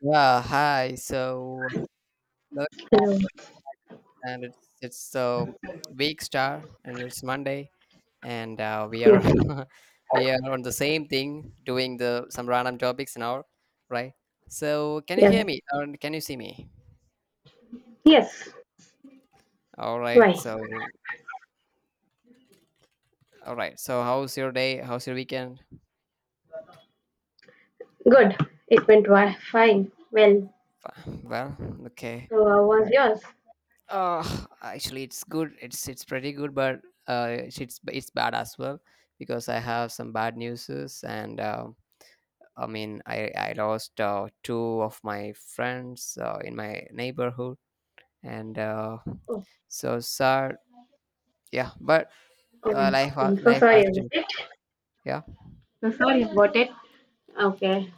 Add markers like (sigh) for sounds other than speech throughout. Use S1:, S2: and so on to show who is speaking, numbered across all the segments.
S1: Yeah, hi. Look,
S2: Hello.
S1: and it's week star, and it's Monday, and we are
S2: Yes.
S1: (laughs) we are on the same thing, doing the some random topics now, right? So, can you hear
S2: Yes.
S1: me or can you see me?
S2: Yes.
S1: All right.
S2: Why?
S1: So, all right. So, how's your day? How's your weekend?
S2: Good. It went well. Fine. Well,
S1: Well, okay,
S2: so how was
S1: right.
S2: yours?
S1: Actually, it's good. It's pretty good, but it's bad as well because I have some bad news and. I mean, I lost two of my friends in my neighborhood, and
S2: Oh,
S1: so sad. Yeah, but
S2: um, I'm so
S1: life
S2: sorry
S1: has
S2: about
S1: to.
S2: it.
S1: Yeah,
S2: So sorry about it. Okay.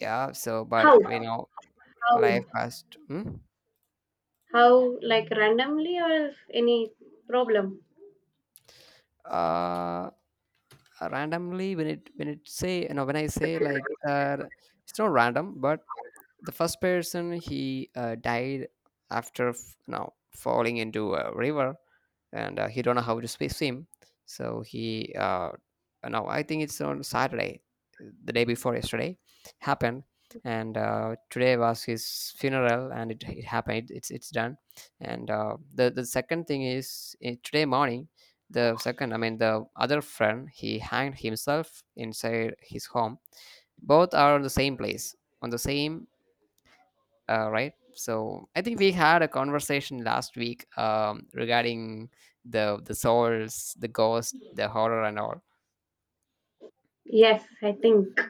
S1: yeah. So, but
S2: How?
S1: you know,
S2: How?
S1: life has to. Hmm?
S2: How? Like randomly or is any problem?
S1: Uh, randomly when it say you know when I say like it's not random, but the first person he died after f- now falling into a river and he don't know how to swim so he no, I think it's on Saturday, the day before yesterday, happened. And today was his funeral and it happened. It's done. And the second thing is today morning, the second I mean the other friend, he hanged himself inside his home. Both are on the same place, on the same right? So I think we had a conversation last week regarding the souls, the ghost, the horror, and all.
S2: Yes, I think.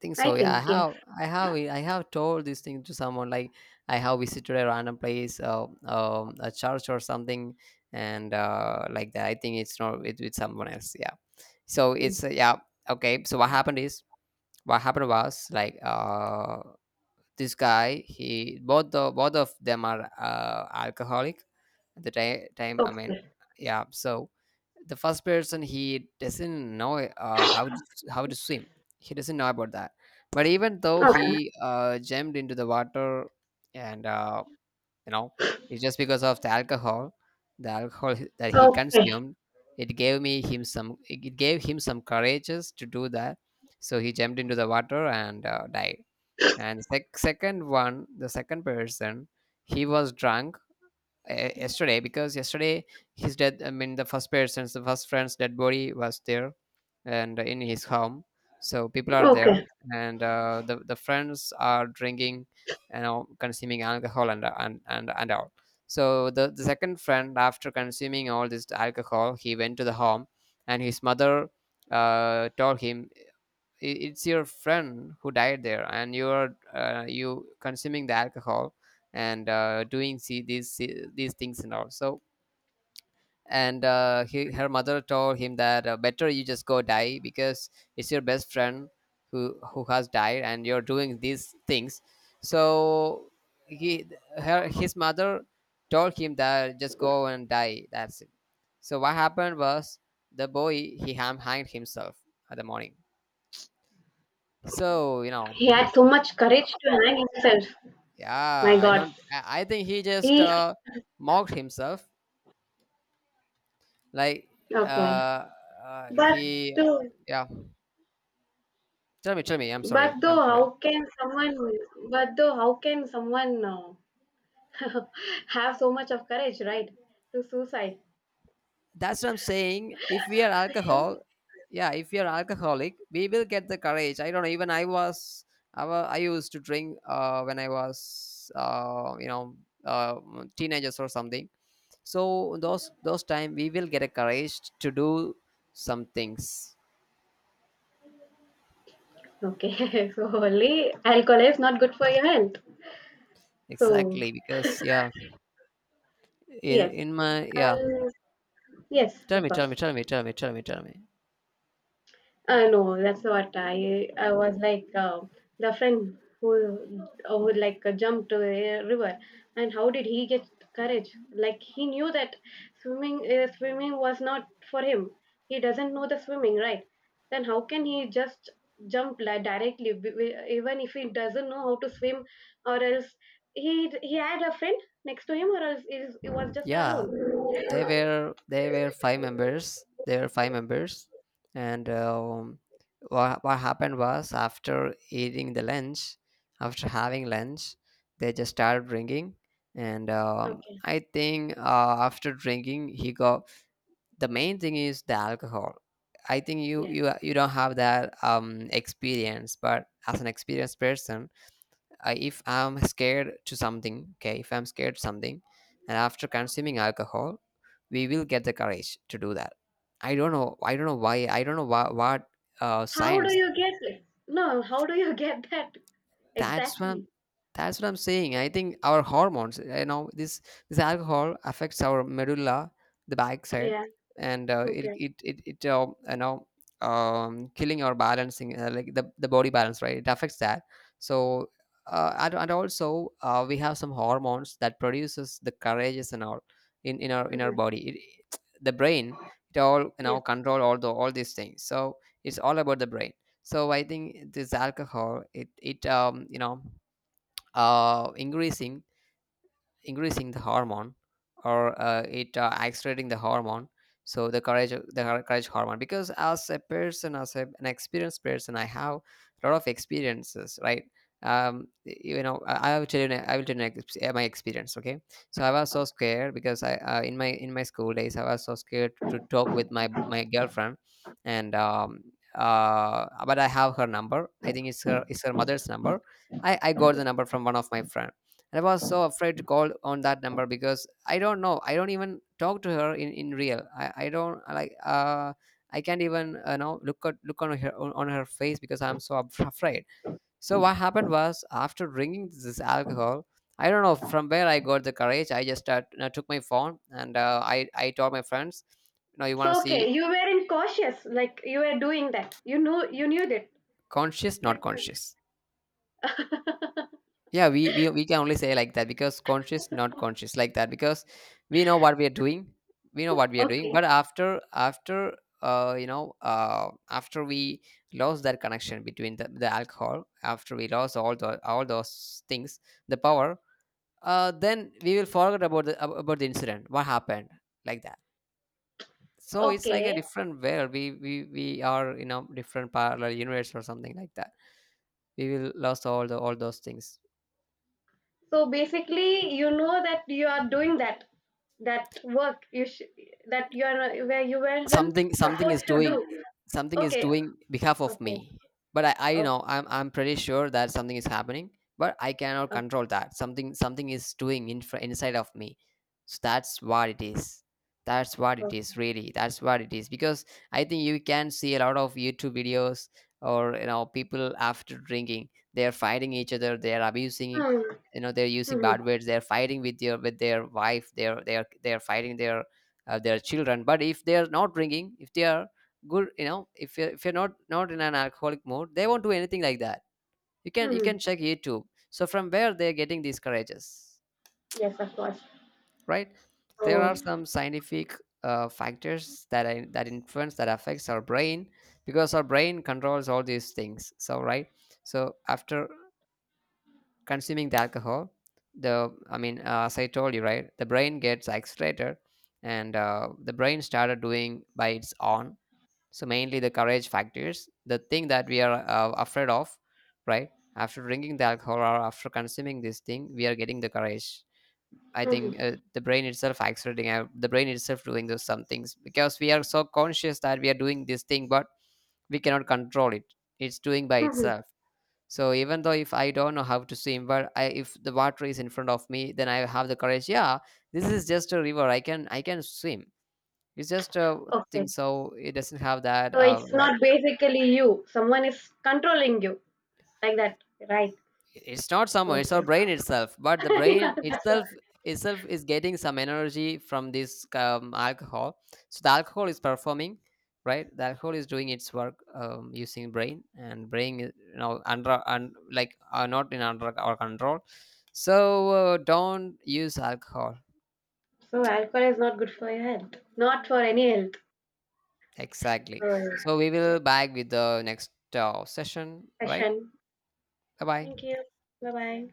S1: Think so.
S2: I
S1: Yeah,
S2: think yes.
S1: I have told this thing to someone. Like I have visited a random place, a church or something, and like that. I think it's not with someone else. Yeah. So
S2: Mm.
S1: it's yeah, okay. So what happened is what happened was like this guy he both of them are alcoholic at the time I mean,
S2: Okay.
S1: yeah. So the first person he doesn't know how to swim, he doesn't know about that, but even though
S2: Okay.
S1: he jumped into the water. And you know, it's just because of the alcohol, that he
S2: Okay.
S1: consumed. It gave him some courages to do that. So he jumped into the water and died. And second one, the second person, he was drunk yesterday because yesterday his dead. I mean, the first friend's dead body was there, and in his home. So people are there,
S2: Okay.
S1: and the friends are drinking, you know, consuming alcohol and all. So the second friend, after consuming all this alcohol, he went to the home, and his mother told him, I- it's your friend who died there and you're you consuming the alcohol and doing see these things and all. So and he, her mother told him that better you just go die because it's your best friend who has died and you're doing these things. So he her his mother told him that just go and die, that's it. So what happened was the boy he ham hanged himself at the morning. So you know.
S2: He had so much courage to hang himself.
S1: Yeah,
S2: My
S1: I
S2: God.
S1: don't. I think he just
S2: He.
S1: mocked himself. Like,
S2: Okay.
S1: uh,
S2: But
S1: he.
S2: to
S1: Yeah. Tell me, tell me. I'm sorry.
S2: But though,
S1: I'm sorry.
S2: how can someone? But though, how can someone (laughs) have so much of courage, right, to suicide?
S1: That's what I'm saying. If we are
S2: So,
S1: alcohol, yeah. If we are alcoholic, we will get the courage. I don't know. Even I was. I used to drink when I was, you know, uh, teenagers or something. So those time we will get a courage to do some things.
S2: okay, (laughs) so only alcohol is not good for your health. So
S1: Exactly because yeah,
S2: yes,
S1: in my, yeah,
S2: I yes,
S1: tell
S2: of
S1: me tell
S2: course.
S1: me tell me tell me tell me tell me.
S2: No, that's what I was like the friend, who like jumped to a river, and how did he get courage? Like he knew that swimming was not for him. He doesn't know the swimming, right? Then how can he just jump like directly, even if he doesn't know how to swim, or else he had a friend next to him, or else it was just
S1: Yeah,
S2: alone.
S1: they were five members they were five members, and what happened was after eating the lunch, after having lunch, they just started drinking. And
S2: Okay,
S1: I think after drinking he got, the main thing is the alcohol. I think
S2: yes.
S1: you don't have that experience, but as an experienced person, I, if I'm scared to something, okay, if I'm scared to something and after consuming alcohol we will get the courage to do that. I don't know, I don't know why, I don't know what
S2: How do
S1: science.
S2: you get? No, how do you (laughs) get that.
S1: that's what I'm,
S2: Exactly.
S1: that's what I'm saying. I think our hormones, you know, this alcohol affects our medulla, the backside,
S2: Yeah.
S1: and
S2: Okay.
S1: it you know, killing our balancing like the body balance, right? It affects that. So and also we have some hormones that produces the courageous and all in in our
S2: Hmm.
S1: body. It, the brain it all you know
S2: Yes.
S1: control all the all these things. So it's all about the brain. So I think this alcohol it it you know uh increasing increasing the hormone, or it accelerating the hormone. So the courage, the courage hormone, because as a person, as a, an experienced person, I have a lot of experiences, right? um you know, I will tell you my experience, okay. So I was so scared because I in my school days I was so scared to talk with my girlfriend. And but I have her number, I think it's her, it's her mother's number. I got the number from one of my friend. And I was so afraid to call on that number because I don't know, I don't even talk to her in real. I don't like I can't even know look at look on her face because I'm so (laughs) afraid. So what happened was after drinking this alcohol, I don't know from where I got the courage. I just you know, took my phone and I told my friends, you know, you want to
S2: So okay,
S1: see
S2: you weren't cautious, like you were doing that. You knew that.
S1: conscious
S2: You
S1: not
S2: knew.
S1: conscious.
S2: (laughs)
S1: Yeah, we, we can only say like that because conscious, not conscious, like that because we know what we are doing, we know what we are doing.
S2: Okay.
S1: But after after we lost that connection between the alcohol, after we lost all the all those things, the power, then we will forget about the about the incident, what happened, like that. So it's like a
S2: Okay.
S1: different world. We are you know different parallel universe or something like that. We will lost all the all those things.
S2: So basically, you know that you are doing that work that you are where you weren't
S1: Something, something
S2: supposed
S1: is
S2: to
S1: doing,
S2: do.
S1: something is
S2: Okay.
S1: doing behalf of
S2: Okay.
S1: me. But I you
S2: Okay.
S1: know, I'm pretty sure that something is happening, but I cannot control that. Something, something is doing in, inside of me. So that's what it is, that's what it
S2: Okay.
S1: is, really, that's what it is. Because I think you can see a lot of YouTube videos, or you know, people after drinking they're fighting each other, they're abusing,
S2: Hmm.
S1: you know, they're using
S2: Hmm.
S1: bad words, they're fighting with their wife, they're fighting their children. But if they are not drinking, if they are good, you know, if you're not in an alcoholic mode, they won't do anything like that. You can
S2: Hmm.
S1: check YouTube. So from where they're getting these courages,
S2: Yes, of course.
S1: right? There are
S2: Oh.
S1: some scientific factors that I, that influence, that affects our brain, because our brain controls all these things, so right. So after consuming the alcohol, the I mean as I told you, right, the brain gets accelerated. And the brain started doing by its own. So mainly the courage factors, the thing that we are afraid of, right, after drinking the alcohol or after consuming this thing, we are getting the courage. I think
S2: Hmm.
S1: the brain itself accelerating out, the brain itself doing those some things, because we are so conscious that we are doing this thing, but we cannot control it, it's doing by
S2: Hmm.
S1: itself. So even though if I don't know how to swim, but I, if the water is in front of me, then I have the courage, yeah, this is just a river, I can I can swim, it's just a
S2: Okay.
S1: thing. So it doesn't have that
S2: So it's
S1: like,
S2: not basically you. Someone is controlling you. Like that, right?
S1: it's not someone, it's our
S2: Okay.
S1: brain itself. But the
S2: (laughs) Yeah,
S1: brain
S2: that's right.
S1: itself, itself is getting some energy from this alcohol. So the alcohol is performing, right, the alcohol is doing its work, using brain, and brain is, you know, under, and like are not in under our control. So don't use alcohol.
S2: So alcohol is not good for your health. Not for any health.
S1: Exactly.
S2: So
S1: So we
S2: yeah.
S1: will back with the next session, right?
S2: Session.
S1: Bye
S2: Thank
S1: bye.
S2: you. Bye bye.